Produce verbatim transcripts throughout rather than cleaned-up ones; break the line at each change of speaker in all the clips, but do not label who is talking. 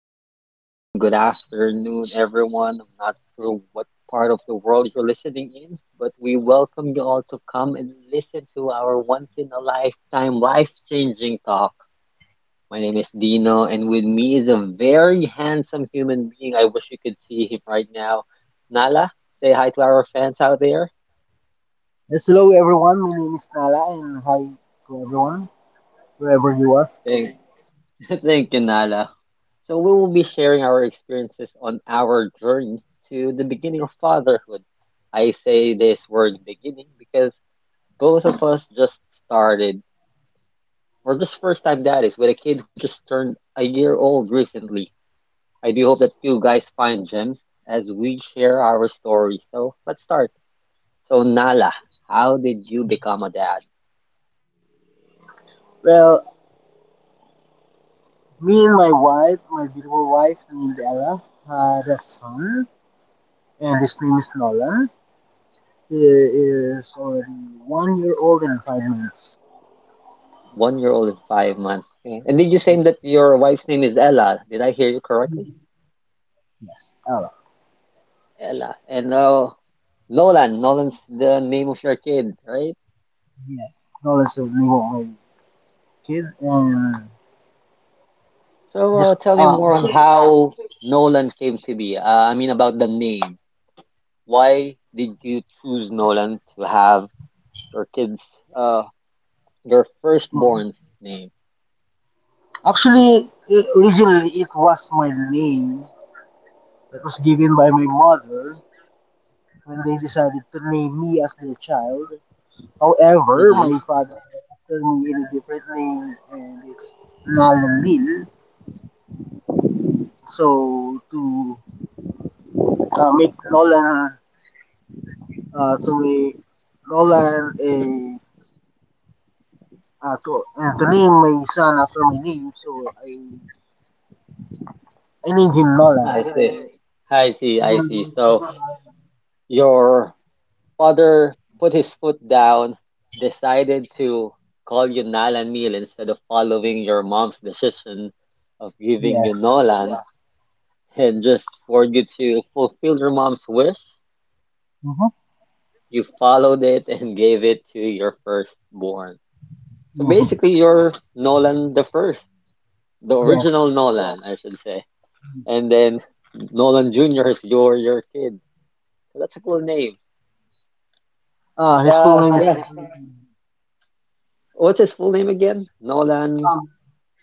Morning, good noon, good afternoon, everyone. I'm not sure what part of the world you're listening in, but we welcome you all to come and listen to our once in a lifetime, life changing talk. My name is Dino, and with me is a very handsome human being. I wish you could see him right now. Nala, say hi to our fans out there.
Yes, hello everyone. My name is Nala, and hi to everyone wherever you are.
Thank Thank you, Nala. So we will be sharing our experiences on our journey to the beginning of fatherhood. I say this word beginning because both of us just started, or just first time daddies, with a kid who just turned a year old recently. I do hope that you guys find gems as we share our stories. So let's start. So Nala, how did you become a dad?
Well, me and my wife, my beautiful wife named Ella, had a son, and his name is Nolan. He is already one year old and five months.
One year old and five months. Okay. And did you say that your wife's name is Ella? Did I hear you correctly?
Yes, Ella.
Ella. And uh, Nolan. Nolan's the name of your kid, right?
Yes, Nolan's the name of my kid, and
So
just
uh, tell me
uh,
more on how Nolan came to be. Uh, I mean, about the name. Why did you choose Nolan to have your kids, uh, your
Mhm.
firstborn's name?
Actually, i- originally it was my name that was given by my mother when they decided to name me as their child. However,
Mm-hmm.
my father turned me a different name, and it's Nalamil. So to uh, make Nolan uh, to make Nolan a uh, to uh, to name my son after my name, so I I named him Nolan.
I see.
Uh,
I see. I
even
see.
though-
So your father put his foot down, decided to call you Nalan Neil instead of following your mom's decision of giving
yes.
you Nolan. And just for you to fulfill your mom's wish,
Mm-hmm.
you followed it and gave it to your firstborn. So
Mm-hmm.
basically, you're Nolan the first, the
Yes.
original Nolan, I should say. And then Nolan Junior is your your kid. So that's a cool name.
Uh, his full
Uh,
name is
yeah.
um,
What's his full name again? Nolan.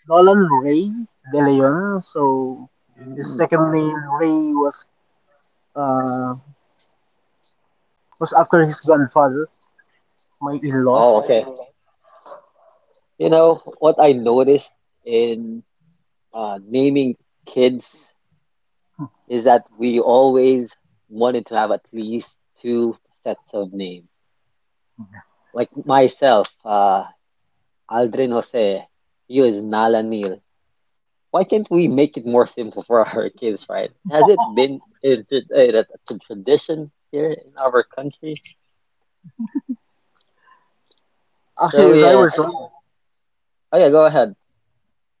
Nolan Ray De Leon. So his
Mm,
second name Ray was uh was after his grandfather, my in-law.
Oh, okay. You know what I noticed in uh, naming kids is that we always wanted to have at least two sets of names. Like myself, uh, Aldrin Jose, you is Nala Neil. Why can't we make it more simple for our kids, right? Has it been a, tr- a, a a tradition here in our country?
Actually,
So
if I
yeah.
were to,
Oh yeah, go ahead.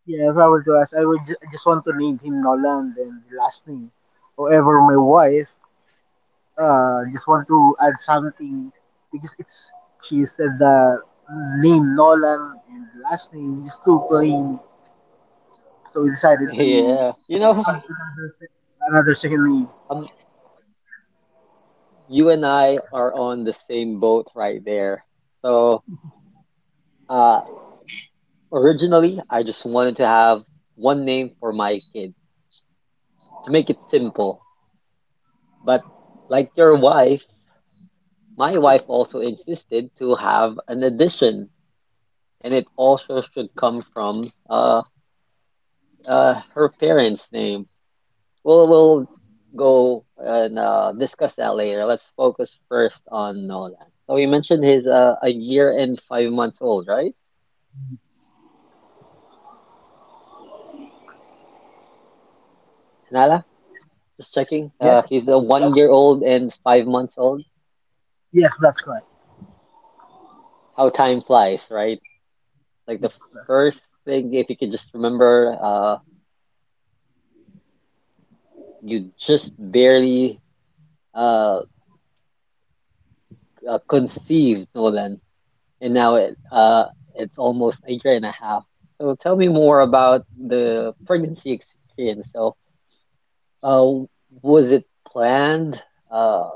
yeah, if I were to ask, I would ju- just want to name him Nolan and the last name. However, my wife, uh, just want to add something because it's she said the name Nolan and the last name is too plain, so we decided to
Yeah, you know,
add another sec- another second name.
um, you and I are on the same boat right there. So, uh, originally, I just wanted to have one name for my kid, to make it simple. But like your wife, my wife also insisted to have an addition, and it also should come from uh, uh, her parents' name. We'll we'll go and uh, discuss that later. Let's focus first on Nolan. So you mentioned he's uh, a year and five months old, right? Nala, just checking.
Yes,
Uh, he's a one year old and five months old.
yes, that's correct.
How time flies, right? Like the
Yes, that's
first thing, if you could just remember, uh, you just barely uh, uh conceived Nolan, and now it uh it's almost a year and a half. So tell me more about the pregnancy experience. So, uh, was it planned? Uh,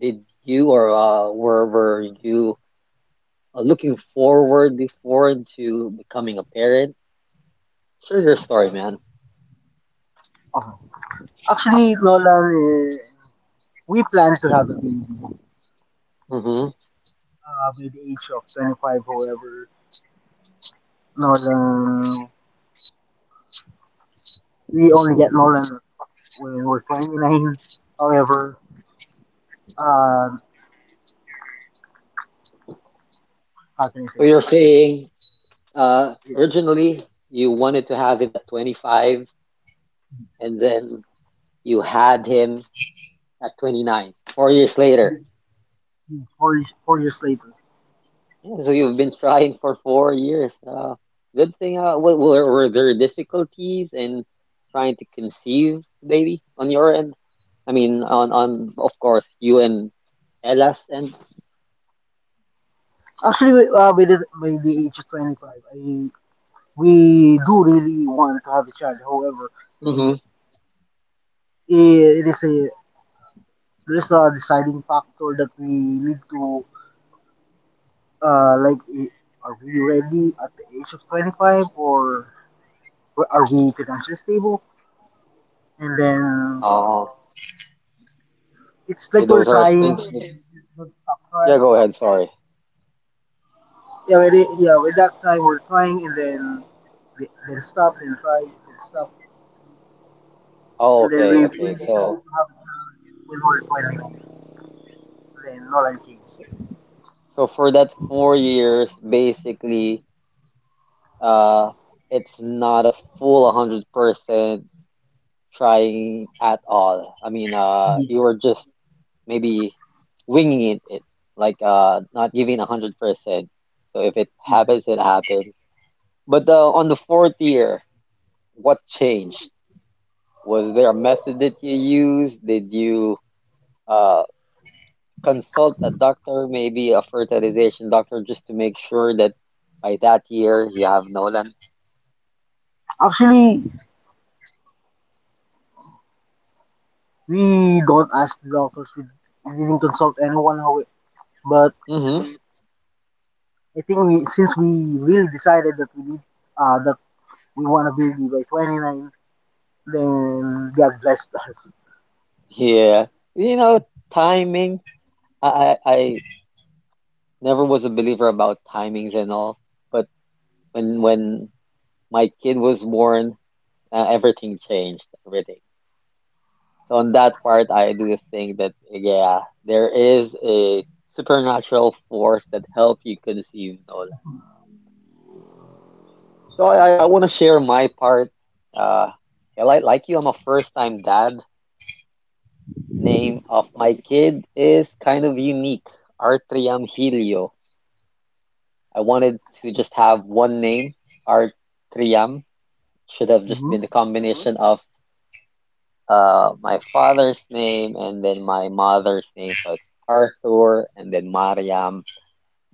did you or uh were were you uh, looking forward before into becoming a parent? Share your story, man.
okay. Actually, Nolan, uh, we plan to have a baby
Mm-hmm.
uh, by the age of twenty-five. However, Nolan, we only get Nolan when we're twenty-nine. However, um, how can I say
So
this?
you're saying uh
Yeah,
originally you wanted to have him at twenty-five, and then you had him at twenty-nine, four years later.
four, four years later.
Yeah, so you've been trying for four years. Uh, good thing. Uh, w- were, were there difficulties in trying to conceive the baby on your end? I mean, on on of course you and Ella's end.
Actually, uh, by, the, by the age of twenty-five, I, we do really want to have a child. However, it
Mm-hmm.
it is a there's a deciding factor that we need to uh, like are we ready at the age of twenty-five or are we financially stable? And then
Oh,
it's
yeah,
like we're
those are
trying,
things that—
we will not stop
Yeah,
trying.
go ahead. Sorry.
Yeah, we did- yeah, with that time we're trying and then we- then stop and try and stop
Oh,
and then we
okay,
we
okay.
decided
So
to have a child when we're twenty. Then not nineteen.
so for that four years, basically, uh, it's not a full one hundred percent trying at all. I mean, uh,
Yeah.
you were just maybe winging it, it like uh, not giving a hundred percent. So if it happens, it happens. But uh, on the fourth year, what changed? Was there a method that you used? Did you uh, consult a doctor, maybe a fertilization doctor, just to make sure that by that year you have Nolan?
Actually, we don't ask the doctors. We didn't consult anyone. How it, but
Mm-hmm.
I think we since we really decided that we need uh that we want a baby by twenty nine, then God blessed us.
Yeah, you know, timing. I I I never was a believer about timings and all, but when when my kid was born, uh, everything changed, everything. So on that part, I do think that yeah, there is a supernatural force that helps you conceive Nolan. So I I, I want to share my part. Uh, yeah, like like you, I'm a first time dad. Name of my kid is kind of unique, Artriam Helio. I wanted to just have one name, Artriam. Should have just been the
Mm-hmm.
combination of uh my father's name and then my mother's name. So it's Arthur and then Mariam.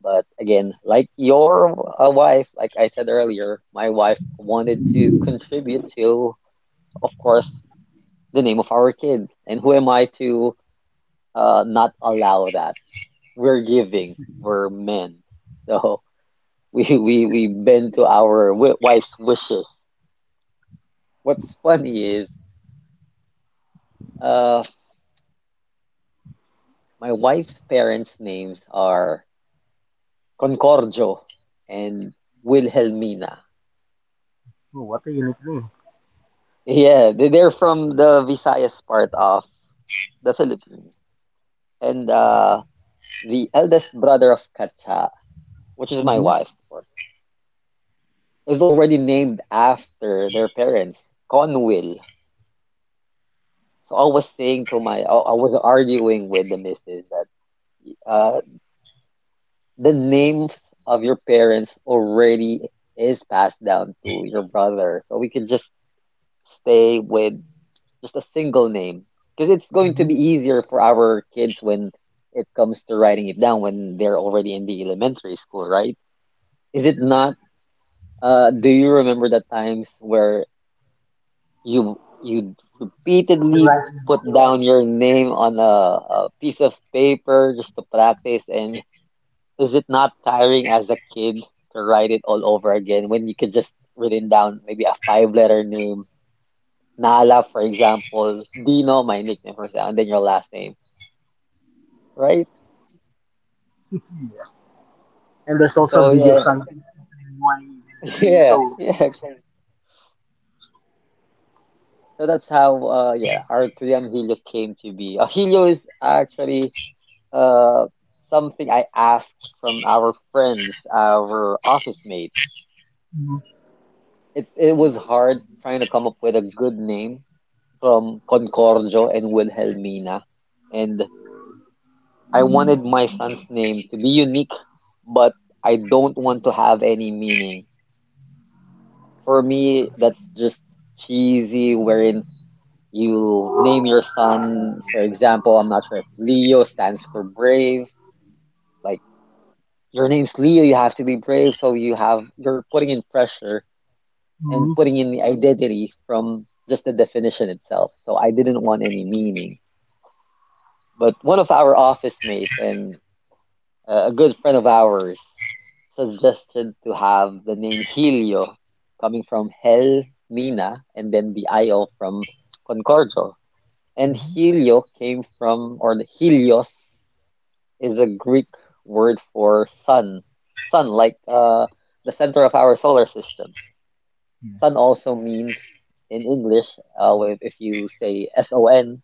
But again, like your uh, wife, like I said earlier, my wife wanted to contribute to, of course, the name of our kid. And who am I to uh not allow that? We're giving, we're men. So we we we bend to our wi- wife's wishes. What's funny is uh. my wife's parents' names are Concordio and Wilhelmina.
Oh, what a unique name.
Yeah, they- they're from the Visayas part of the Philippines. And uh, the eldest brother of Katsa, which is my
Mm-hmm.
wife, of course, is already named after their parents, Conwill. So I was saying to my, I I was arguing with the missus that uh, the names of your parents already is passed down to your brother. So we could just stay with just a single name, because it's going to be easier for our kids when it comes to writing it down when they're already in the elementary school, right? Is it not? Uh, do you remember the times where you you
You're
repeatedly
right.
put down your name on a, a piece of paper just to practice, and is it not tiring as a kid to write it all over again when you could just written down maybe a five letter name? Nala, for example, Dino, my nickname for that, and then your last name. Right?
Yeah. And there's also a
So
video of
yeah,
something why their name
yeah,
so.
yeah. So that's how uh yeah, R three M Helio came to be. Uh, Helio is actually uh something I asked from our friends, our office mates.
Mm-hmm.
It it was hard trying to come up with a good name from Concordio and Wilhelmina. And I wanted my son's name to be unique, but I don't want to have any meaning. For me, that's just cheesy, wherein you name your son, for example. I'm not sure if Leo stands for brave. Like, your name's Leo, you have to be brave, so you have you're putting in pressure and
Mm-hmm.
putting in the identity from just the definition itself. So I didn't want any meaning. But one of our office mates and uh, a good friend of ours suggested to have the name Helio, coming from Hel Mina and then the I O from Concordio. And Helio came from, or the Helios is a Greek word for sun. Sun, like uh, the center of our solar system.
Yeah.
Sun also means in English, uh, if if you say S O N,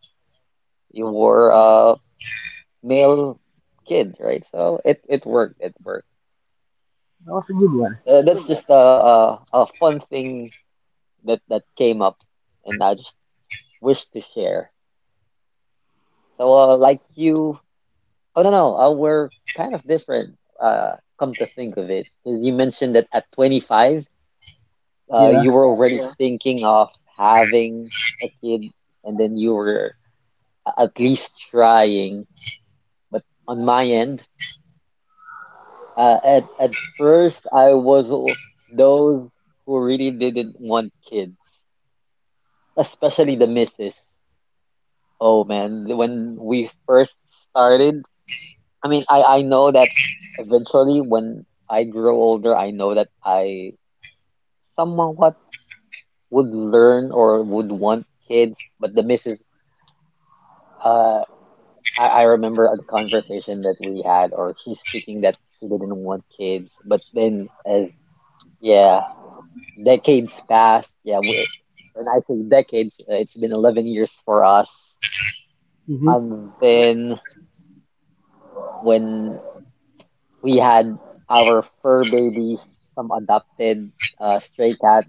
you were a male kid, right? So it, it worked, it worked.
That was a good one.
Uh, that's just a, a, a fun thing that, that came up, and I just wish to share. So, uh, like you, oh no, no, uh, we're kind of different, uh, come to think of it. 'Cause you mentioned that at twenty-five, uh,
Yeah.
you were already, yeah, thinking of having a kid, and then you were a- at least trying. But on my end, uh, at at first, I was o- those who really didn't want kids, especially the missus. Oh man, when we first started, I mean, I I know that eventually when I grow older, I know that I somewhat would learn or would want kids, but the missus. Uh, I, I remember a conversation that we had, or she's thinking that she didn't want kids, but then as yeah, decades passed. Yeah, we, when I say decades, uh, it's been eleven years for us.
Mm-hmm.
And then when we had our fur babies, some adopted uh, stray cats,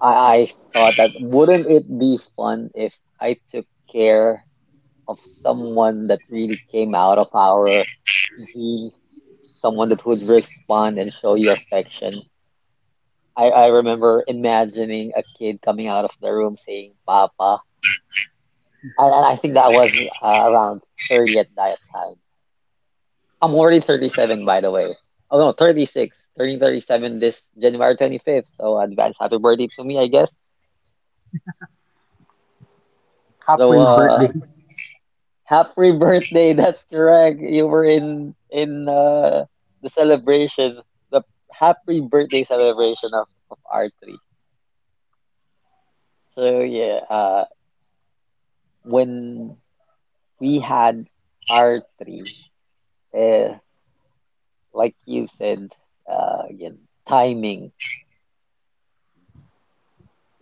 I, I thought that wouldn't it be fun if I took care of someone that really came out of our genes, someone that would respond and show you affection. I, I remember imagining a kid coming out of the room saying "Papa." And I I think that was uh, around thirty at that time. I'm already thirty-seven, by the way. Oh no, thirty-six. Turning thirty-seven this January twenty-fifth. So advance happy birthday to me, I guess. So
Happy birthday.
uh, happy birthday. That's correct. You were in in uh, the celebration, the happy birthday celebration of of R three. So yeah, uh. when we had our three, uh, like you said, uh, again, timing,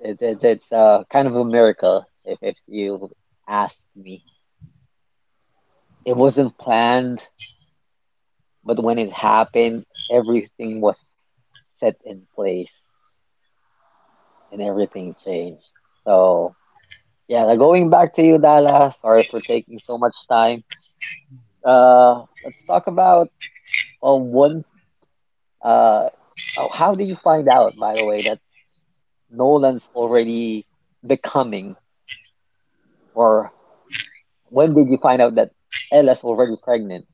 it, it, it's uh, kind of a miracle if, if you ask me. It wasn't planned, but when it happened, everything was set in place and everything changed. So, yeah, now going back to you, Dala, sorry for taking so much time. Uh, let's talk about uh, one. Uh, oh, how did you find out, by the way, that Nolan's already becoming, or when did you find out that Ella's already pregnant?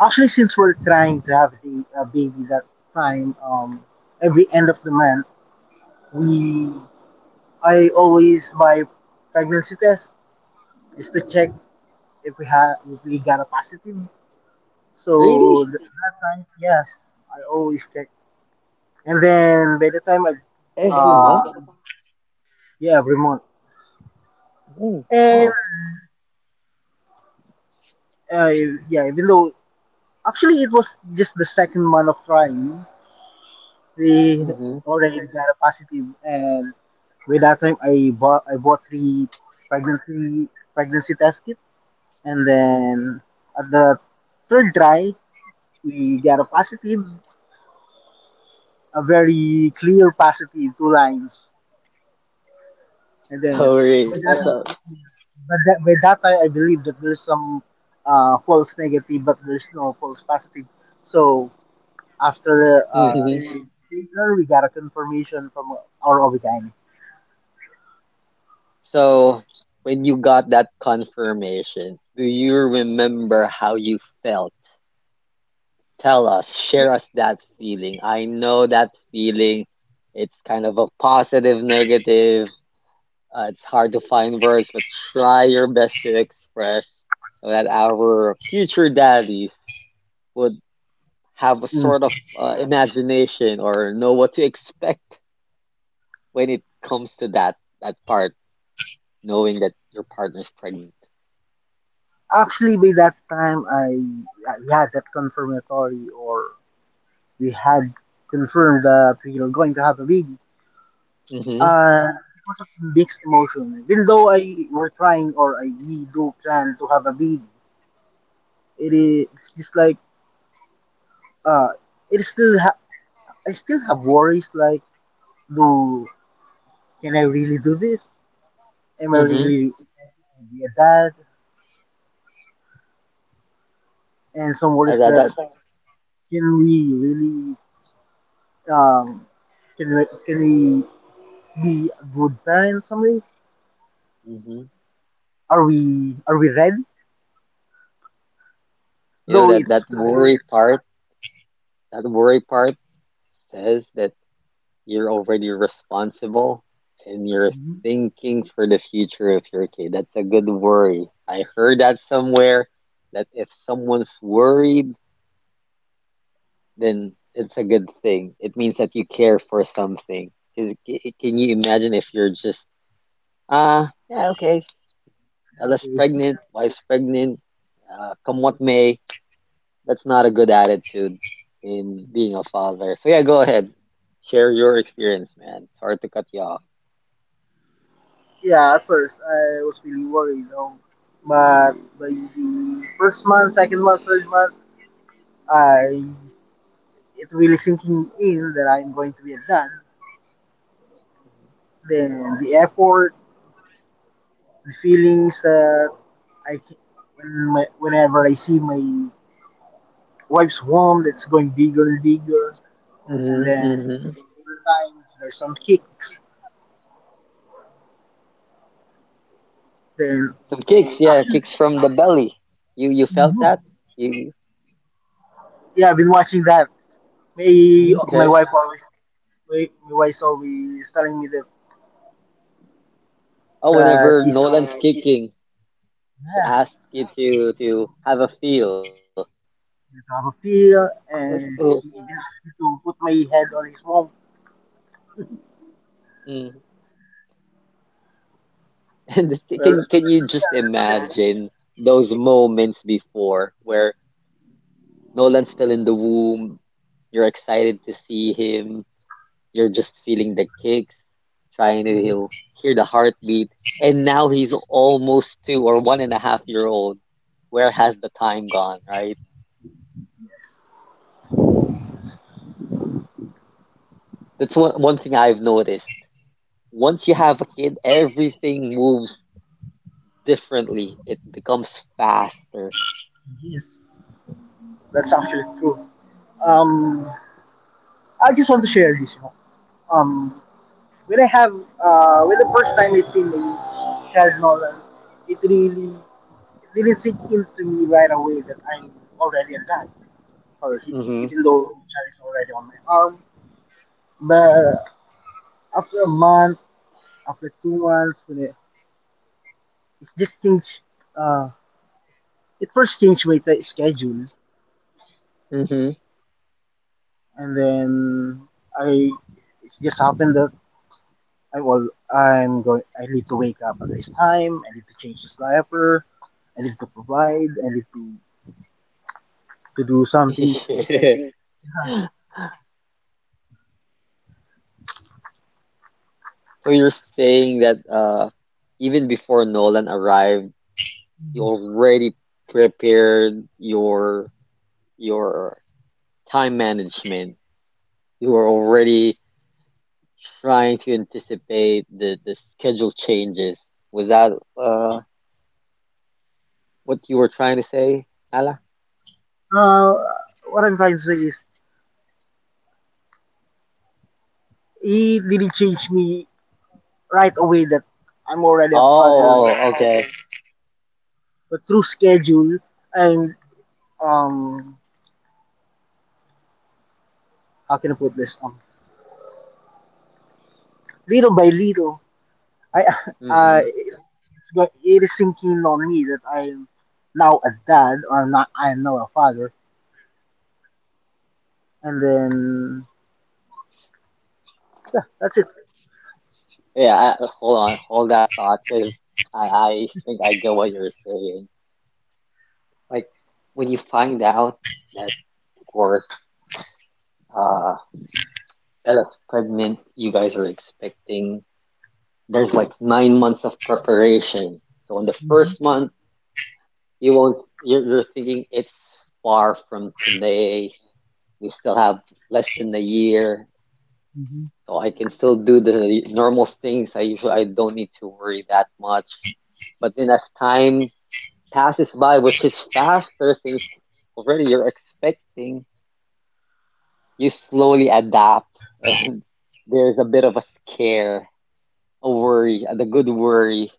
Actually, since we're trying to have a, a baby that time, um, every end of the month, we I always buy pregnancy test just to check if we had if we got a positive.
Really?
So th- that time, yes, I always check. And then by the time I,
Every month?
uh, yeah, every month.
Mm, wow.
And uh, yeah, even though actually it was just the second month of trying, they
Mm-hmm.
already got a positive. And by that time, I bought I bought three pregnancy pregnancy test kit, and then at the third try, we got a positive, a very clear positive, two lines, and
Oh,
then
really?
by
So,
that
so,
time, but that, by that time, I believe that there's some uh, false negative, but there's no false positive. So after the uh,
mhm.
great dinner, we got a confirmation from our Obitani.
So, when you got that confirmation, do you remember how you felt? Tell us, share us that feeling. I know that feeling. It's kind of a positive, negative. Uh, it's hard to find words, but try your best to express so that our future daddies would have a
Mm.
sort of uh, imagination or know what to expect when it comes to that that part, knowing that your partner's pregnant.
Actually, by that time, I we had that confirmatory, or we had confirmed that we were going to have a baby.
Mm-hmm.
Uh, it was a mixed emotion. Even though I were trying, or I we do plan to have a baby, it is just like uh, it still ha- I still have worries like, do can I really do this? Am I
Mm-hmm.
really be a dad? And some
That,
worries
that,
that
that,
can we really um can we, can we be a good time somebody?
hmm
Are we are we ready?
You know
Though
that
it's
that worry part, that worry part says that. You're already responsible and you're
Mhm.
thinking for the future of your kid. That's a good worry. I heard that somewhere that if someone's worried, then it's a good thing. It means that you care for something. Can can- you imagine if you're just, ah, yeah, okay, Ella's
Okay.
pregnant, wife's pregnant, uh, come what may. That's not a good attitude in being a father. So, yeah, go ahead. Share your experience, man. It's hard to cut you off.
Yeah, at first I was really worried though. But by the first month, second month, third month I it really sinking in that I'm going to be a dad. Then the effort, the feelings that I ca- when my, whenever I see my wife's womb that's going bigger and bigger, and
Mm-hmm,
then
mm-hmm.
sometimes there's some kicks. Then
Some kicks, yeah,
actually,
kicks from the belly. You you felt that? You, you
yeah, I've been watching that. My
Mhm.
my
Okay?
wife always my, my wife always telling me that
Oh,
that
whenever
he's
Nolan's kicking, she
yeah,
asks you to to have a feel.
the top of
That's
field,
cool.
and she even asked me to put my head on his mom.
Mm. And
Well,
can can you just imagine those moments before where Nolan's still in the womb, you're excited to see him, you're just feeling the kicks, trying to he'll
Mhm.
hear the heartbeat. And now he's almost two or one and a half year old. Where has the time gone, right? That's one one thing I've noticed. Once you have a kid, everything moves differently. It becomes faster.
Yes, that's actually true. Um, I just want to share this, you know. Um, when I have uh, when the first time I seen the Charles Nolan, it really it really sink into me right away that I'm already a dad, or he-
Mm-hmm.
even though Charles is already on my arm. But after a month, after two months, when it, it just changed. Uh, it first changed my t- schedule,
Mm-hmm.
and then I it just happened that I was I'm going. I need to wake up at this time. I need to change his diaper. I need to provide. I need to to do something.
So you're saying that uh even before Nolan arrived, you already prepared your your time management. You were already trying to anticipate the the schedule changes. Was that uh what you were trying to say, Nala?
Uh, what I'm trying to say is, it didn't change me right away that I'm already
Oh,
a father.
oh, okay.
But through schedule and um, how can I put this? Um, little by little, I uh,
Mm-hmm.
it's got it is sinking on me that I'm now a dad or I'm not. I am now a father, and then yeah, that's it.
Yeah, I, uh, hold on, hold that thought, because I, I think I get what you're saying. Like when you find out that of course, uh, that is pregnant, you guys are expecting. There's like nine months of preparation. So in the
Mm-hmm.
first month, you won't. You're, you're thinking it's far from today, we still have less than a year,
Mm-hmm.
so I can still do the normal things. I usually I don't need to worry that much. But then as time passes by, which is faster since already you're expecting, you slowly adapt, and there's a bit of a scare, a worry, and a good worry,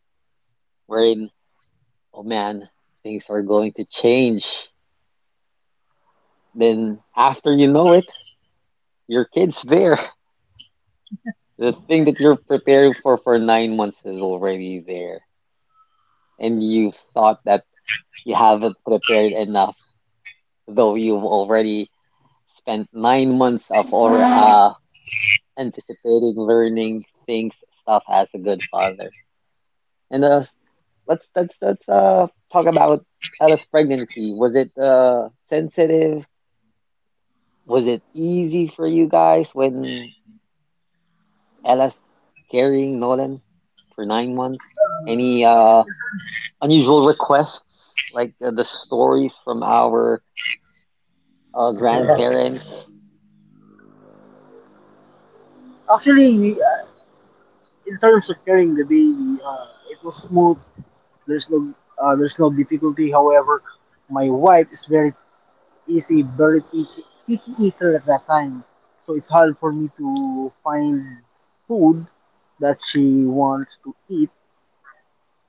wherein oh man, things are going to change. Then after you know it, your kid's there. The thing that you're preparing for for nine months is already there, and you thought that you haven't prepared enough, though you've already spent nine months of or uh, anticipating, learning things, stuff as a good father. And uh, let's let's let's uh talk about Ella's pregnancy. Was it uh sensitive? Was it easy for you guys when Ella's carrying Nolan for nine months? Any uh unusual requests like uh, the stories from our uh, grandparents?
Actually, we, uh, in terms of carrying the baby, uh, it was smooth. There's no uh, there's no difficulty. However, my wife is very easy, very picky, picky eater at that time, so it's hard for me to find food that she wants to eat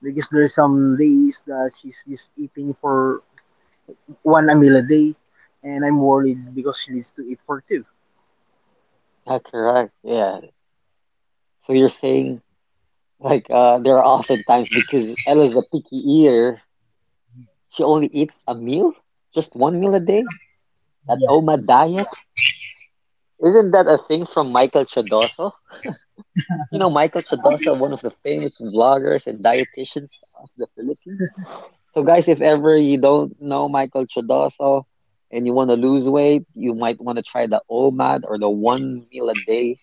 because there's some days that she's just eating for one a meal a day, and I'm worried because she needs to eat for two.
Yeah, correct. Yeah. So you're saying like uh there are often times because Ella's a picky eater, she only eats a meal? Just one meal a day? That O M A
Yes.
diet? Isn't that a thing from Michael Chodoso? You know Michael Chodoso, one of the famous vloggers and dietitians of the Philippines. So guys, if ever you don't know Michael Chodoso and you want to lose weight, you might want to try the OMAD or the one meal a day,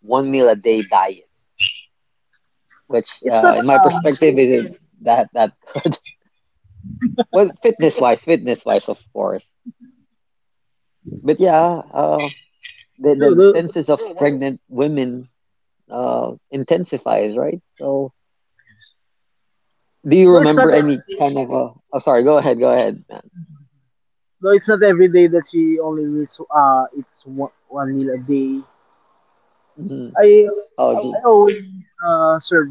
one meal a day diet, which
It's not
uh, in my
um
perspective is that that good. Well, fitness wise, fitness wise, of course. But yeah, uh, the,
no,
the the
no,
census of pregnant women uh, intensifies, right? So, do you
no, it's not
remember any kind of a? Oh, sorry. Go ahead. Go ahead, man.
no, it's not every day that she only needs to uh it's one, one meal a day.
Hmm.
I
Oh, gee.
I always uh, serve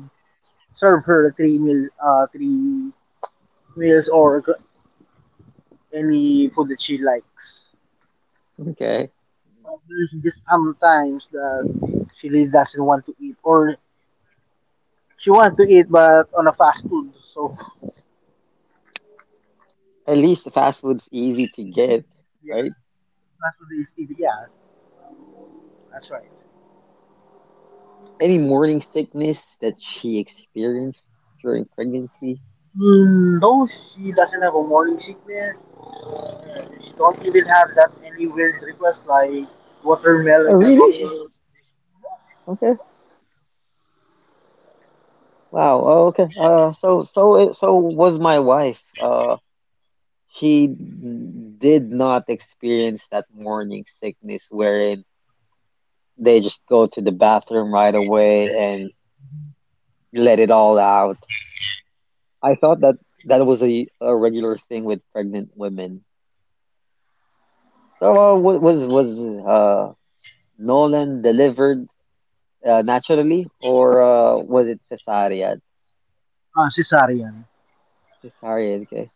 serve her three meal uh three meals or g- any food that she likes.
Okay.
But there's just sometimes that she really doesn't want to eat or she wants to eat but on a fast food. So
At least the fast food's easy to get,
yeah,
right?
fast food is easy. Yeah, that's right.
Any morning sickness that she experienced during pregnancy?
Mm, no, she doesn't have a morning sickness. Uh, She don't even have that any weird request like
Oh,
watermelon with no
really?
seeds.
Wow. Oh, okay. Uh, so so it, so was my wife. Uh, she did not experience that morning sickness wherein they just go to the bathroom right away and let it all out. I thought that that was a, a regular thing with pregnant women. So uh, wa- was was uh Nolan delivered uh, naturally or uh, was it cesarean?
Uh, cesarean.
Cesarean. Okay.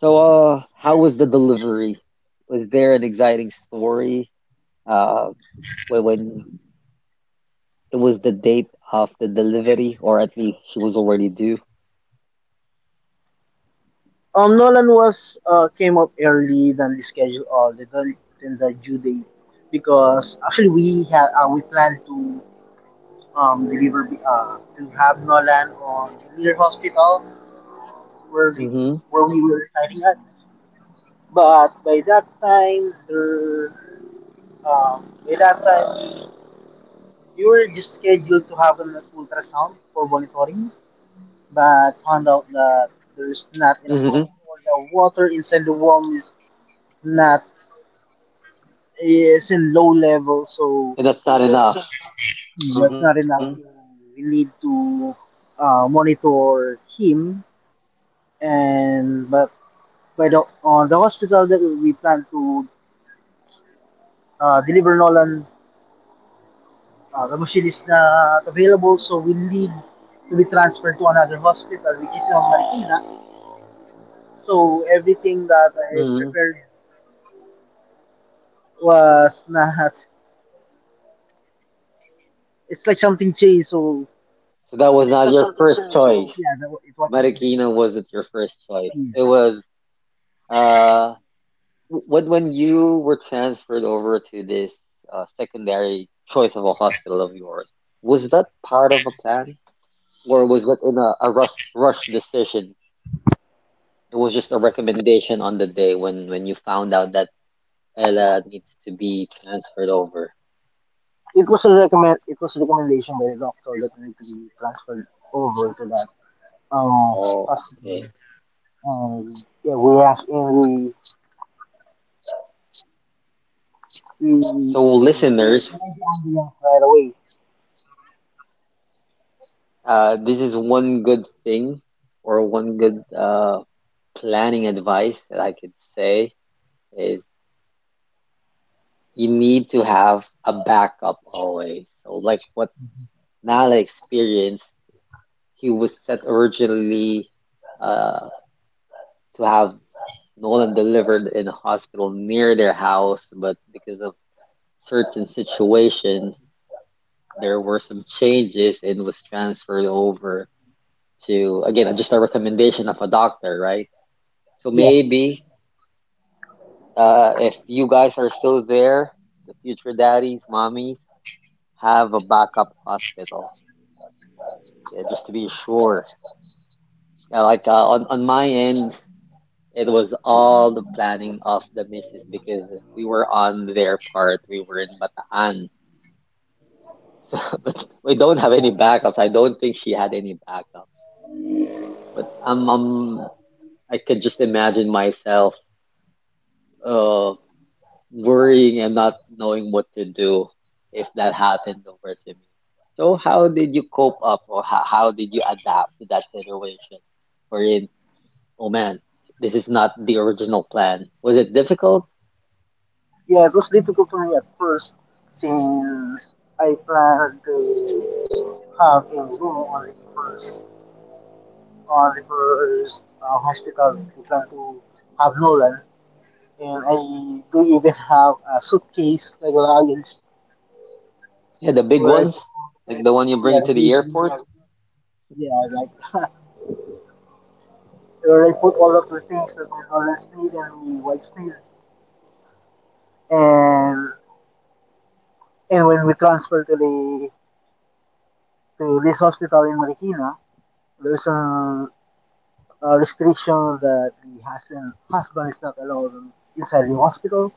So uh, how was the delivery? Was there an exciting story? uh, when, when it was the date of the delivery, or at least she was already due.
Um, Nolan was uh, came up early than the schedule or the than the due date because actually we had uh, we planned to um deliver uh to have Nolan on near hospital where the
Mm-hmm.
where we were residing at, but by that time there um by that time we were just scheduled to have an ultrasound for monitoring, but found out that there's not enough time or the water inside the womb is Not eh, it's in low level, so you know, it's not enough. So we need to uh, monitor him, and but by the on the hospital that we plan to uh, deliver Nolan, uh, the machine is not available, so we need to be transferred to another hospital, which is in Marikina. So everything that I prepared was not. It's like something changed. So yeah, that, wa- it was. It was a recommend. It was a recommendation by the doctor that we to be transferred over to that um hospital. And yeah, we asked him. We we uh, made the ambulance right away. Yes. Yeah, it was difficult for me at first since I planned to have a room on the first on the first uh, hospital. We plan to have Nolan, and I do even have a suitcase like luggage where I Yeah, we, we- yeah, like where I put all of the things with all the speed and we white speed, and and when we transfer to the to this hospital in Marikina, there's a, a restriction that the husband husband is not allowed inside the hospital,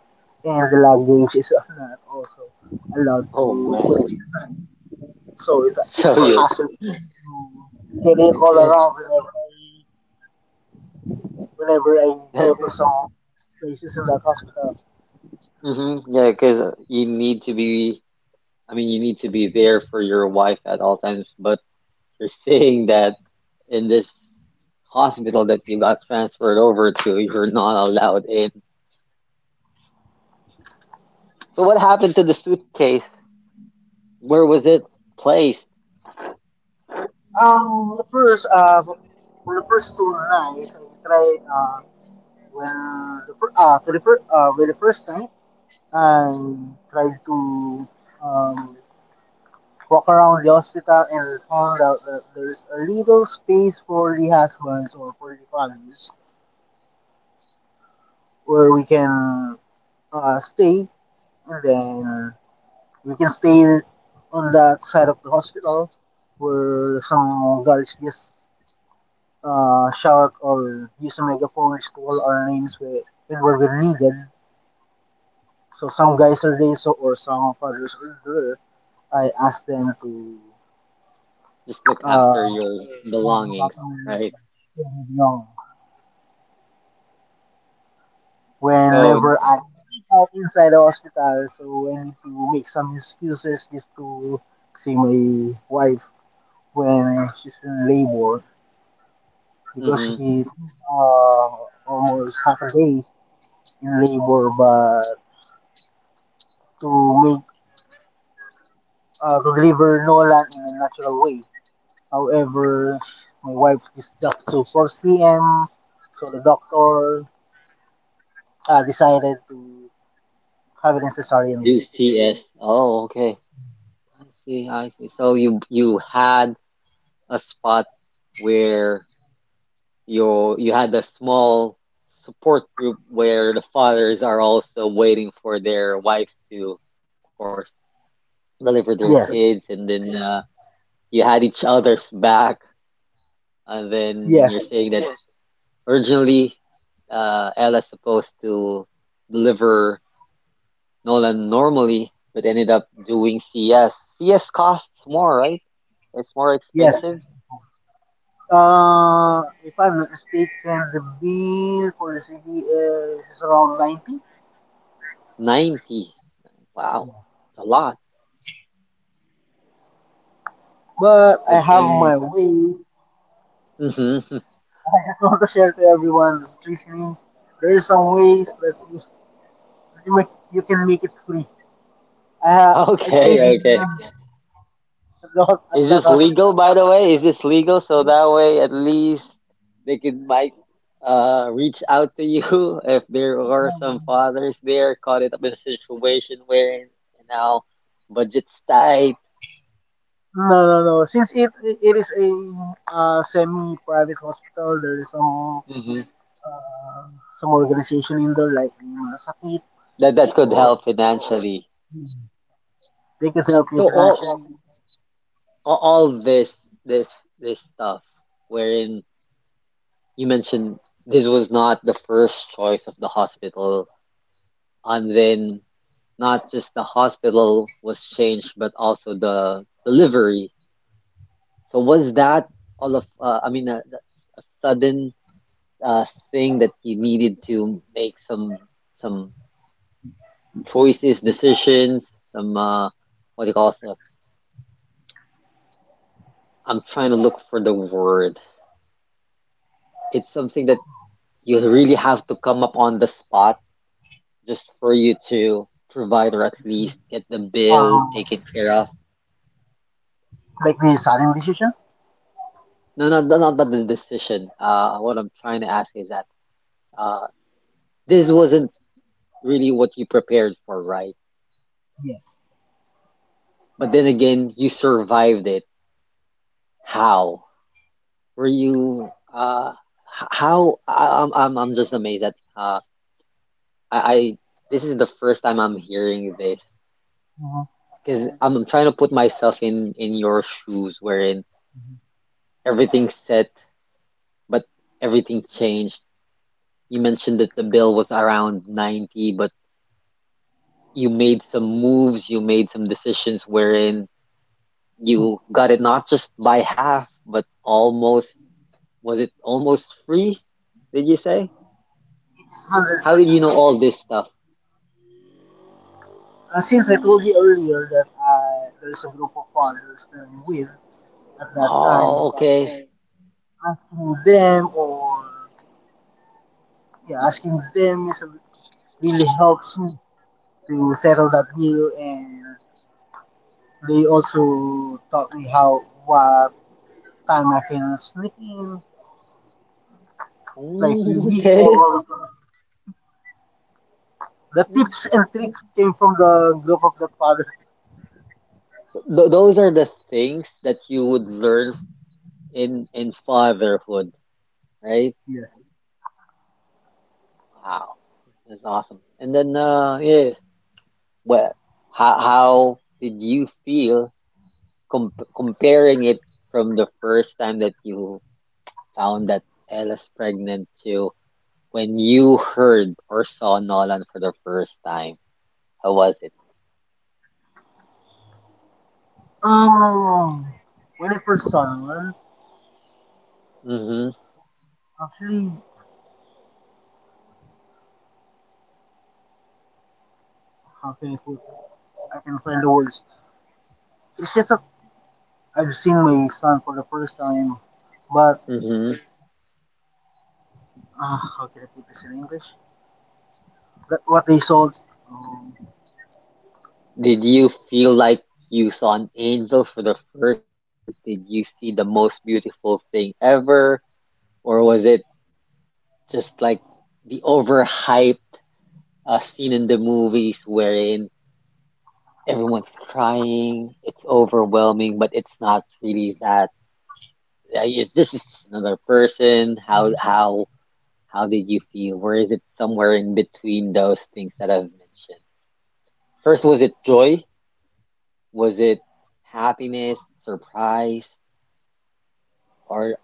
and the luggage is not also allowed to put it inside. So it's a, it's a hassle to get it all around whenever I whenever I go to some places in that hospital. Um, the first, uh, for the first two nights, I try, uh, when the first, uh, for the first, uh, for the first night, I tried to, um, walk around the hospital and found out that there's a little space for the husbands or for the fathers where we can, uh, stay and then we can stay on that side of the hospital where some guys just uh, shout or use a megaphone to call our names where, and where we're needed. So some guys are there, so, or some fathers are there. I ask them to uh, look after my young. Whenever I out inside the hospital, so I need to make some excuses just to see my wife when she's in labor. Because he uh, almost half a day in labor but to make uh, to deliver Nolan in a natural way. However, my wife is up to four p m. So the doctor uh, decided to have it in cesarean. Yes, yes, yes. Uh, if I'm not mistaken, the bill for the C V is around ninety. But I have my way. I just want to share to everyone who's listening. There is some ways that you, that you, make, you can make it free. I ha- I paid in um, at the, hos- at that hospital. No, no, no. Since it it is a uh, semi-private hospital, there is some uh, some organization in there like yung mga sakit, or they can help you financially. Um, like the sudden decision. Yes. Mhm. Mm. It's hundred percent. Uh, since I told you earlier that I, there's a group of fathers that I'm with at that time, asking them or, yeah, asking them is really helps me to settle that deal, and they also taught me how what time I can sneak in, like we we all the tips and tricks came from the group of the fathers. Yes. Um, when I first saw one, actually, how can I put? I can find the words. It's just that I've seen my son for the first time, but uh, how can I put this in English? That what they sold. Um,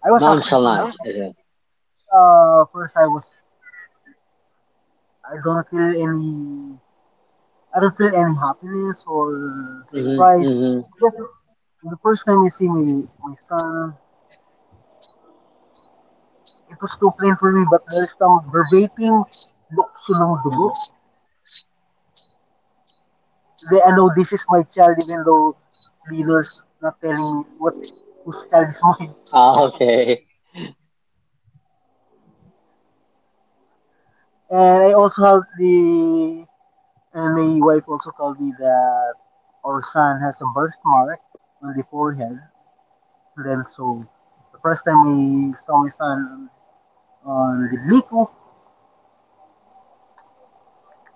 I was actually uh, first I was I don't feel any I don't feel any happiness or surprise. Just the first time I see my my son, it was too plain for me. But there's some verbatim luksulong dugo. They, I know this is my child even though the leader's not telling me what whose child is mine. And I also have the, and my wife also told me that our son has a birthmark on the forehead. And then so the first time I saw my son on the Bluetooth,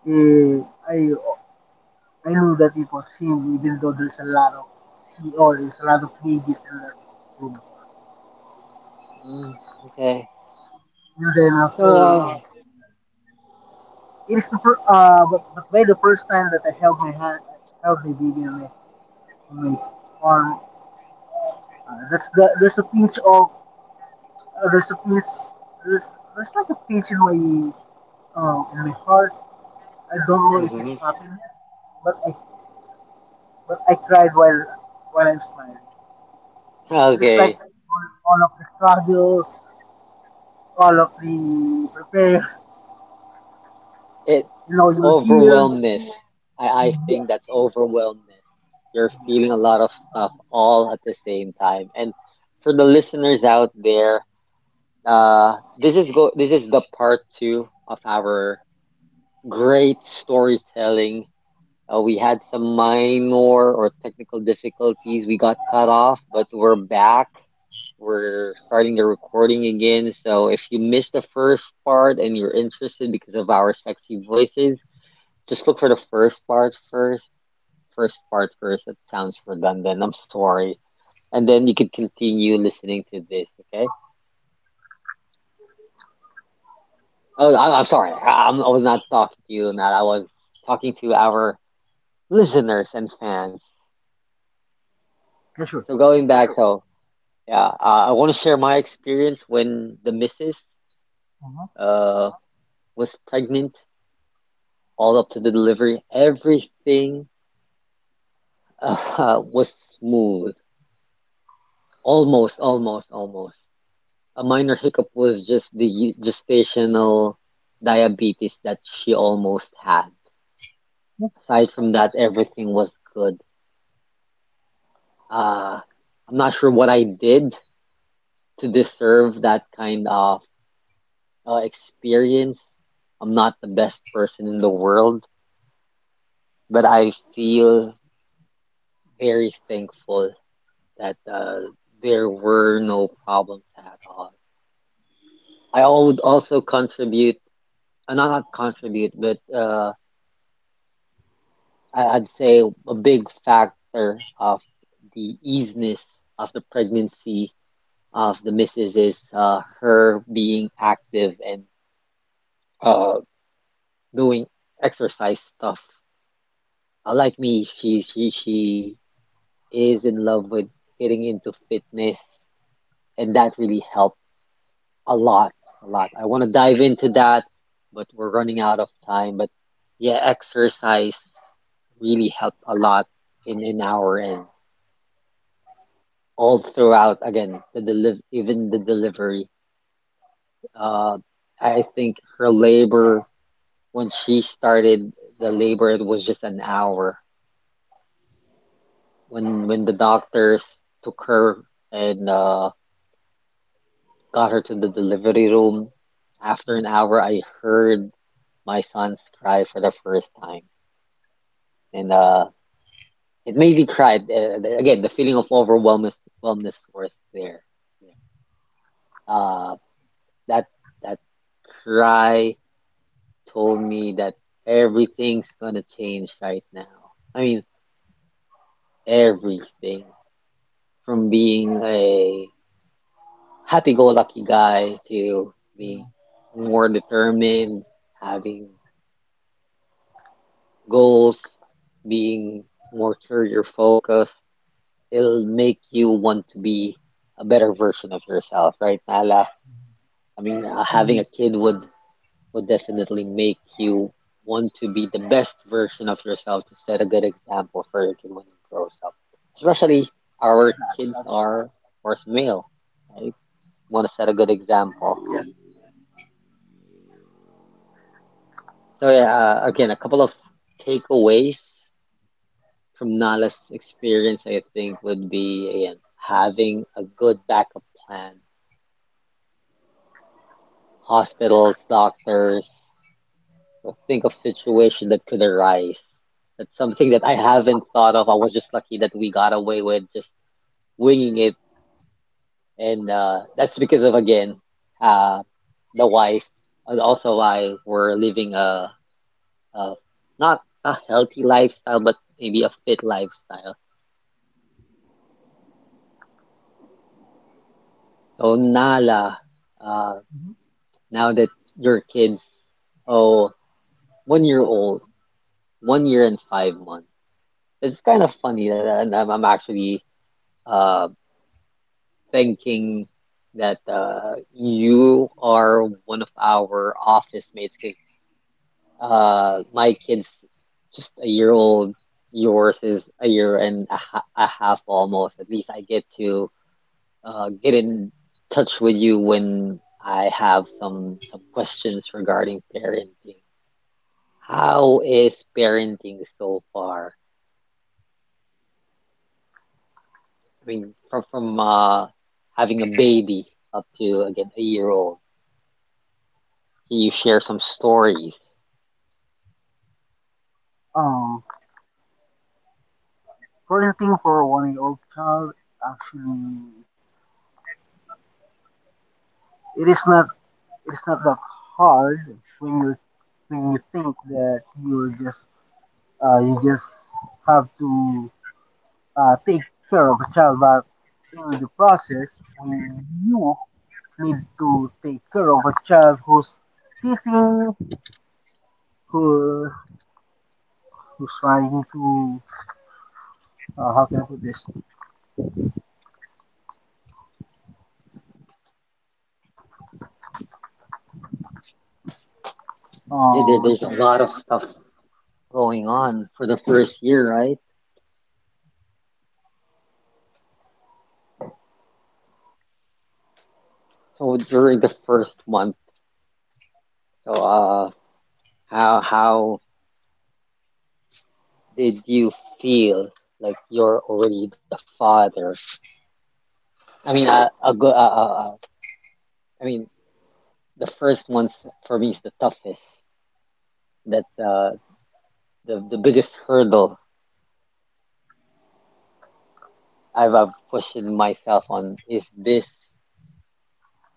eh, I I knew that it was him, even though there's a lot of he or there's a lot of babies in that room.
Mm, okay.
And then
So,
after
uh,
it is the fir- uh, but, but by the first time that I held my hand, I held my baby on my, on my arm. Uh, that's the, there's a pinch of recipes. There's, there's like a page in my um in my heart. I don't know if it's
hmm.
happiness, but I but I cried while while I'm smiling. It is like
Okay.
all, all of the struggles, all of the prepare.
It
You know, you're here.
overwhelmness. I, I think
Yes,
that's overwhelmness. You're
yes,
feeling
I
a
think
lot of
you
stuff
know.
all at the same time. And for the listeners out there, uh, this is go this is the part two of our great storytelling. Uh, we had some minor or technical difficulties. We got cut off, but we're back. We're starting the recording again, so if you missed the first part and you're interested because of our sexy voices, just look for the first part first. First part first. That sounds redundant. I'm sorry. And then you could continue listening to this, okay? Oh, I, I'm sorry. I, I'm, I was not talking to you, Matt. I was talking to our listeners and fans.
Yeah, sure.
So going back, so yeah, uh, I want to share my experience when the missus
Uh-huh.
uh was pregnant all up to the delivery. Everything uh, was smooth. Almost, almost, almost. A minor hiccup was just the gestational diabetes that she almost had.
Yes,
Aside from that, everything was good. Uh, I'm not sure what I did to deserve that kind of uh, experience. I'm not the best person in the world, but I feel very thankful that uh, there were no problems at all. I al- would also contribute, uh, not not contribute, but uh, I- I'd say a big factor of the easiness of the pregnancy of the missus is uh, her being active and uh, doing exercise stuff. Uh, like me, she she she is in love with getting into fitness, and that really helped a lot, a lot. I want to dive into that, but we're running out of time. But yeah, exercise really helped a lot in in our end all throughout again the deliv even the delivery. Uh, I think her labor, when she started the labor, it was just an hour when when the doctors took her and uh got her to the delivery room. After an hour, I heard my son's cry for the first time, and uh it made me cry. Uh, again the feeling of overwhelmness, overwhelmness was there uh. That that cry told me that everything's gonna change right now. I mean, everything from being a happy-go-lucky guy to being
yeah.
more determined, having goals, being more career-focused. It'll make you want to be a better version of yourself, right, Nala? I mean, uh, having
Mm-hmm.
a kid would will definitely make you want to be the best version of yourself to set a good example for your kid when he grows up. Especially our
That's
kids
actually
are, of course, male, right? Want to set a good example.
yes.
So yeah, uh, again, a couple of takeaways from Nala's experience, I think, would be again having a good backup plan. Hospitals, doctors, I think of situation that could arise. That's something that I haven't thought of. I was just lucky that we got away with just winging it, and uh, that's because of again, uh, the wife and also I were living a, a not a healthy lifestyle, but maybe a fit lifestyle. So Nala, uh,
Mm-hmm.
now that your kids, oh, one year old, one year and five months. It's kind of funny that and I'm, I'm actually um thinking that uh, you are one of our office mates because uh, my kid's just a year old. Yours is a year and a, ha a half almost. At least I get to uh, get in touch with you when I have some some questions regarding parenting. How is parenting so far? I mean, from from uh, having a baby up to again a year old. Can you share some stories?
Um, Parenting for a one-year-old child, actually, it is not it's not that hard when you when you think that you're just uh, you just have to uh, take care of a child, but in the process when you need to take care of a child who's teething, who who's trying to, uh, how can I put this?
Yeah, there-
Um,
there's a
okay.
lot of stuff going on for the first year, right? So during the first month, so uh, how how did you feel like you're already the father? I mean, uh, a good, uh, uh, uh, I mean, the first month for me is the toughest. That uh, the the biggest hurdle I've uh, pushed myself on is this: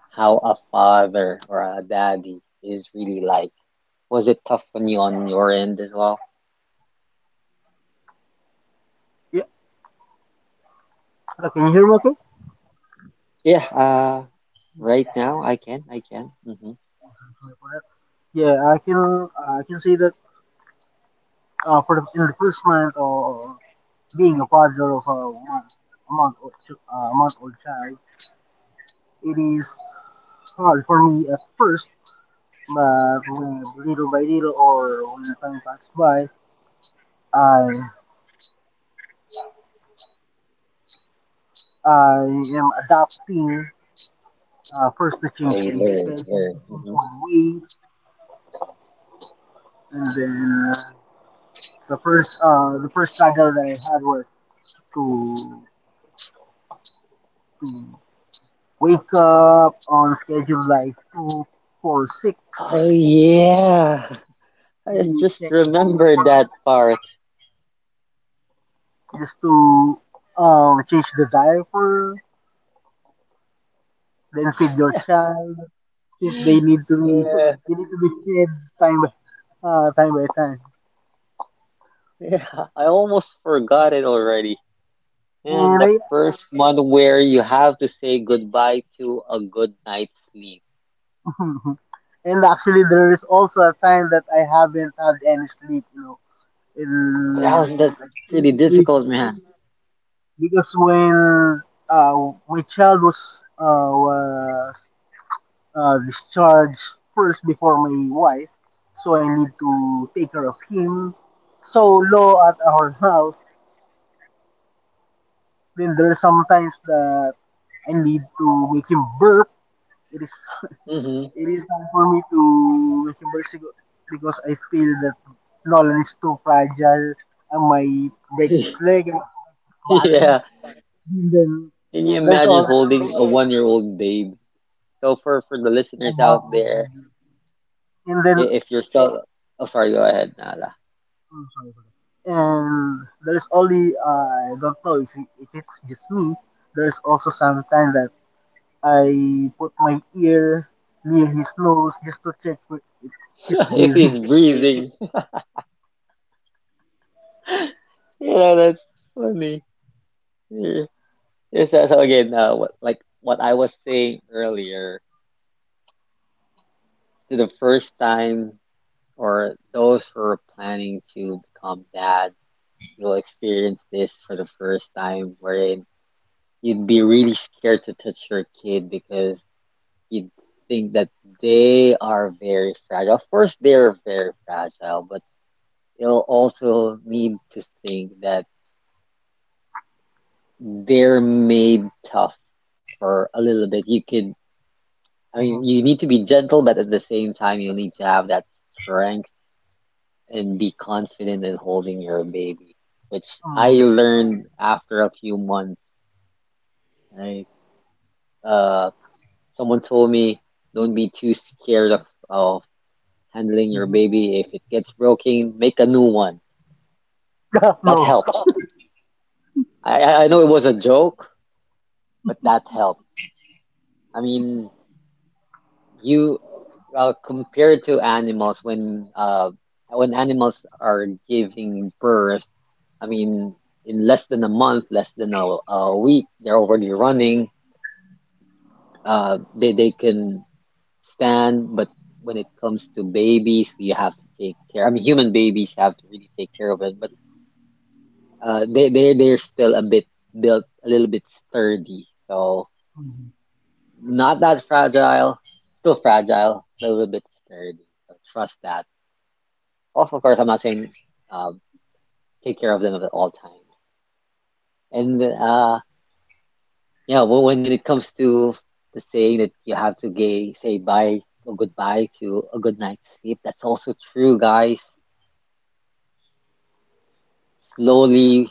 how a father or a daddy is really like. Was it tough on you on your end as well?
Yeah, uh, can you hear me? Okay.
Yeah, uh, Right
Sorry
now, I can, I can. Mm-hmm.
for that. Yeah, I can I can say that uh, for the, in the first month, or being a father of a one a month old, ch- uh, month old child, it is hard for me at first, but when little by little or when time passes by, I I am adapting. Uh, first, to
Yeah,
change
you
my
learn,
schedule, to
learn.
change
Hmm.
my ways, and then uh, the first uh, the first struggle that I had was to to wake up on schedule like two four six,
Oh yeah, I
to
just
check your diet
remembered
plan,
that part.
just to um change the diaper, then feed your child, since they need to
Yeah,
they need to be fed time by uh, time by time.
yeah, I almost forgot it already. And the
And
first one where you have to say goodbye to a good night's sleep.
I and actually there is also a time that I haven't had any sleep, you know,
Oh, that
in
was that's
like two
pretty
to three
difficult,
days,
man.
because when uh, my child was uh, was uh, discharge first before my wife, so I need to take care of him. So low at our house, then there there's sometimes that I need to make him burp. It is
hmm
it is hard for me to make him burp sigo- because I feel that Nolan is too fragile. I might break his leg and body.
Yeah,
And then
can you
there's
imagine
all
holding a one-year-old babe? So for for the listeners out
amount of
there.
baby. And then,
I- If you're still, Oh, sorry, go ahead, Nala.
mm, sorry for that. And there is only, I don't know if it- if it's just me. There is also sometimes that I put my ear near his nose just to check if he's
If he's
breathing.
breathing, you know, that's funny. Yeah. It's that so again, uh, what, like what I was saying earlier, to the first time or those who are planning to become dads, you'll experience this for the first time, wherein you'd be really scared to touch your kid because you'd think that they are very fragile. Of course, they're very fragile, but it'll also need to think that they're made tough for a little bit. You could, I mean,
Mm-hmm.
you need to be gentle, but at the same time, you need to have that strength and be confident in holding your baby, which I learned after a few months. Right? Uh, Someone told me, don't be too scared of, of handling your
Mm-hmm.
baby. If it gets broken, make a new one. That
No.
helped. I, I I know it was a joke, but that helped. I mean, you uh, compared to animals when uh when animals are giving birth, I mean in less than a month, less than a, a week they're already running. Uh they, they can stand, but when it comes to babies we have to take care, I mean human babies have to really take care of it. But uh they, they they're still a bit built a little bit sturdy, so
Mm-hmm.
not that fragile, still fragile but a little bit sturdy, so trust that. Of, of course, I'm not saying uh, take care of them at all times. And uh, yeah, wh- when when it comes to the saying that you have to gay, say bye or goodbye to a good night's sleep, that's also true, guys. Slowly,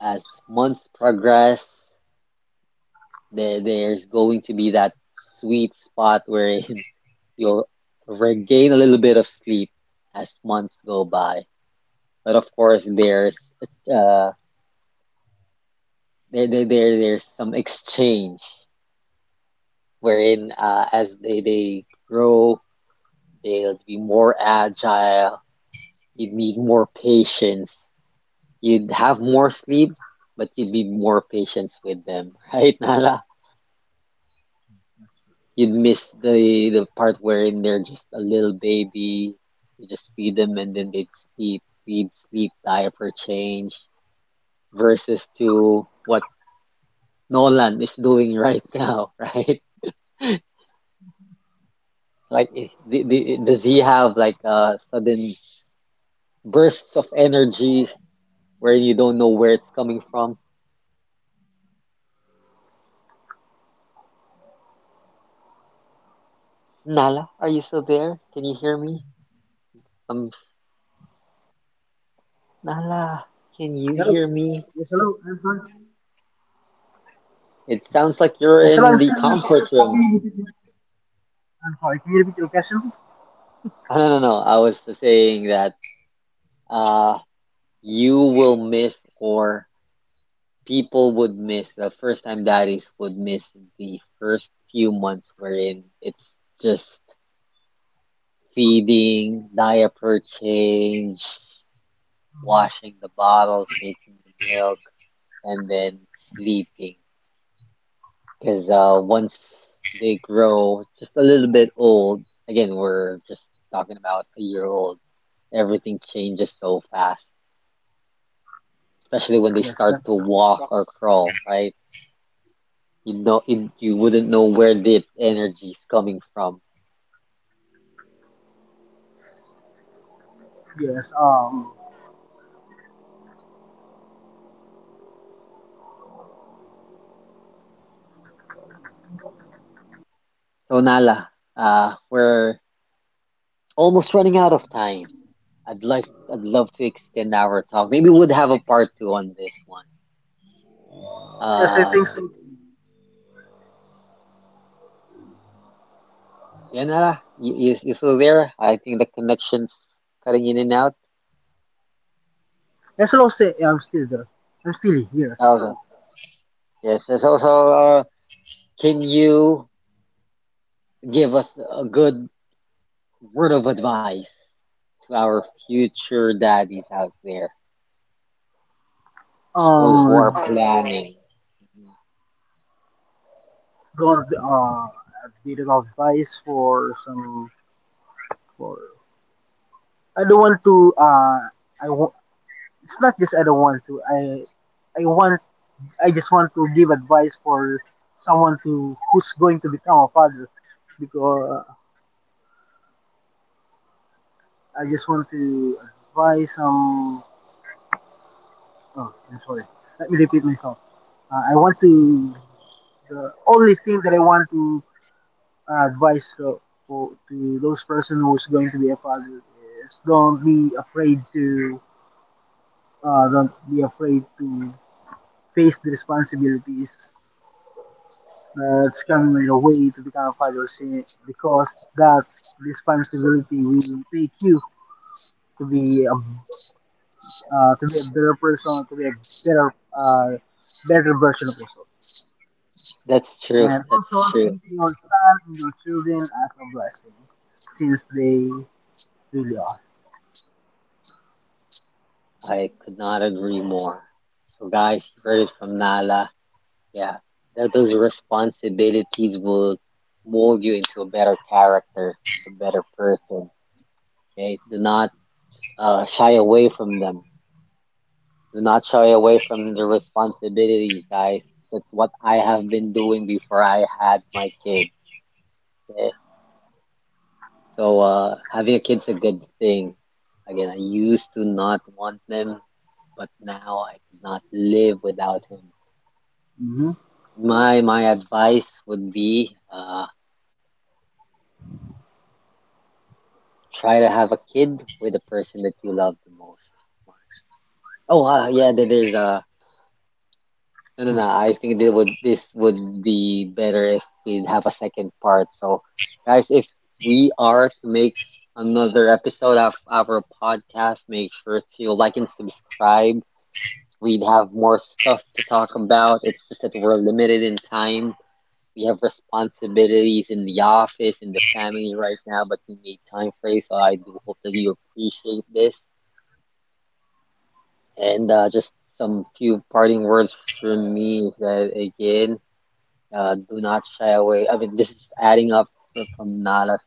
as months progress, there there's going to be that sweet spot wherein you'll regain a little bit of sleep as months go by. But of course, there's uh, there, there, there there's some exchange wherein uh, as they, they grow, they'll be more agile. You'd need more patience. You'd have more sleep, but you'd be more patience with them, right, Nala? You'd miss the the part wherein they're just a little baby. You just feed them and then they'd sleep, feed, sleep, diaper change, versus to what Nolan is doing right now, right? Like, I- d d does he have like a sudden bursts of energy where you don't know where it's coming from. Nala, are you still there? Can you hear me? Um, Nala, can you
Hello.
hear me?
Yes, hello. I
It sounds like you're
Yes, hello.
in
I'm
the
still
comfort
happy.
room.
With it. I'm sorry. Can you repeat your question?
Oh, no, no, no. I was just saying that uh, you will miss, or people would miss, the first time daddies would miss the first few months wherein it's just feeding, diaper change,
Mm-hmm.
washing the bottles, making the milk and then sleeping. Because uh, once they grow just a little bit old, again, we're just talking about a year old, everything changes so fast, especially when they
Yes,
start
but
to walk or crawl, right? You know, you, you wouldn't know where the energy is coming from.
yes. Um.
So Nala, uh, we're almost running out of time. I'd like, I'd love to extend our talk. Maybe we'd have a part two on this one.
Yes, I
Uh,
think so.
Yeah, Nara, you, you, you still there? I think the connection's cutting in and out.
Yes, hello. Stay. Yeah, I'm still there. I'm still here.
Also, yes. So, so so, uh, can you give us a good word of advice to our future daddies out there, those who are
Um.
planning?
God, uh, a bit of advice for some for, I don't want to uh I w- it's not just I don't want to I I want I just want to give advice for someone to who's going to become a father, because I just want to advise some oh, I'm sorry, let me repeat myself. uh, I want to The only thing that I want to uh, advice to, for, to those person who's going to be a father is don't be afraid to uh, don't be afraid to face the responsibilities that's coming your way to become a father si- because that responsibility will take you to be a, uh, to be a better person, to be a better, uh, better version of yourself,
That's true.
and
That's
also
true.
treat your son and your children as a blessing since they really are.
I could not agree more. So, guys, you heard it from Nala. Yeah, that those responsibilities will mold you into a better character, a better person. Okay, do not uh, shy away from them. Do not shy away from the responsibilities, guys. That's what I have been doing before I had my kids. Eh. So uh, having a kid's a good thing. Again, I used to not want them, but now I could not live without him.
Mm-hmm.
My my advice would be uh, try to have a kid with the person that you love the most. Oh, uh, yeah, there- there's a No, no, no. I think this would this would be better if we'd have a second part. So, guys, if we are to make another episode of our podcast, make sure to like and subscribe. We'd have more stuff to talk about. It's just that we're limited in time. We have responsibilities in the office, in the family right now, but we made time for you. So I do hope that you appreciate this. And uh, just some few parting words from me is that again. Uh, do not shy away. I mean, this is adding up fr- from Nala's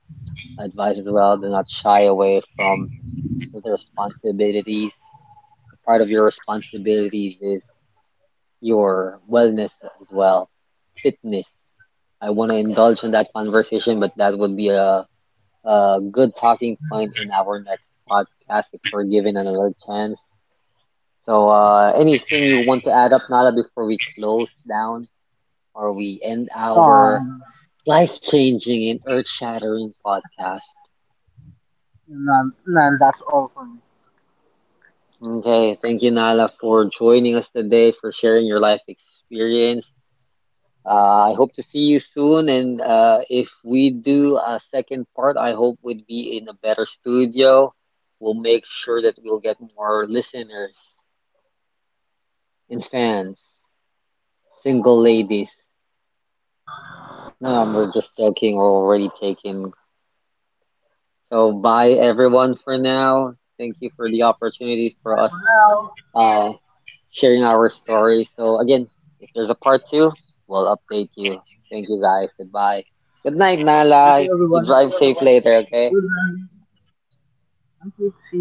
advice as well. Do not shy away from the responsibilities. Part of your responsibilities is your wellness as well, fitness. I want to indulge in that conversation, but that would be a, a good talking point in our next podcast if we're given another chance. So, uh, anything you want to add up, Nala, before we close down or we end
Oh,
our life changing and earth shattering podcast?
no, no, no, that's all for me.
Okay, thank you, Nala, for joining us today, for sharing your life experience. Uh, I hope to see you soon, and uh, if we do a second part, I hope we'd be in a better studio. We'll make sure that we'll get more listeners and fans, single ladies. No, we're just joking. We're already taken. So bye, everyone, for now. Thank you for the opportunity
Bye for
for us.
now.
Uh, Sharing our stories. So again, if there's a part two, we'll update you. Thank you guys. Goodbye. Good night,
Thank you,
Nala. You
everyone.
drive safe later,
Good
okay?
night. Until see you.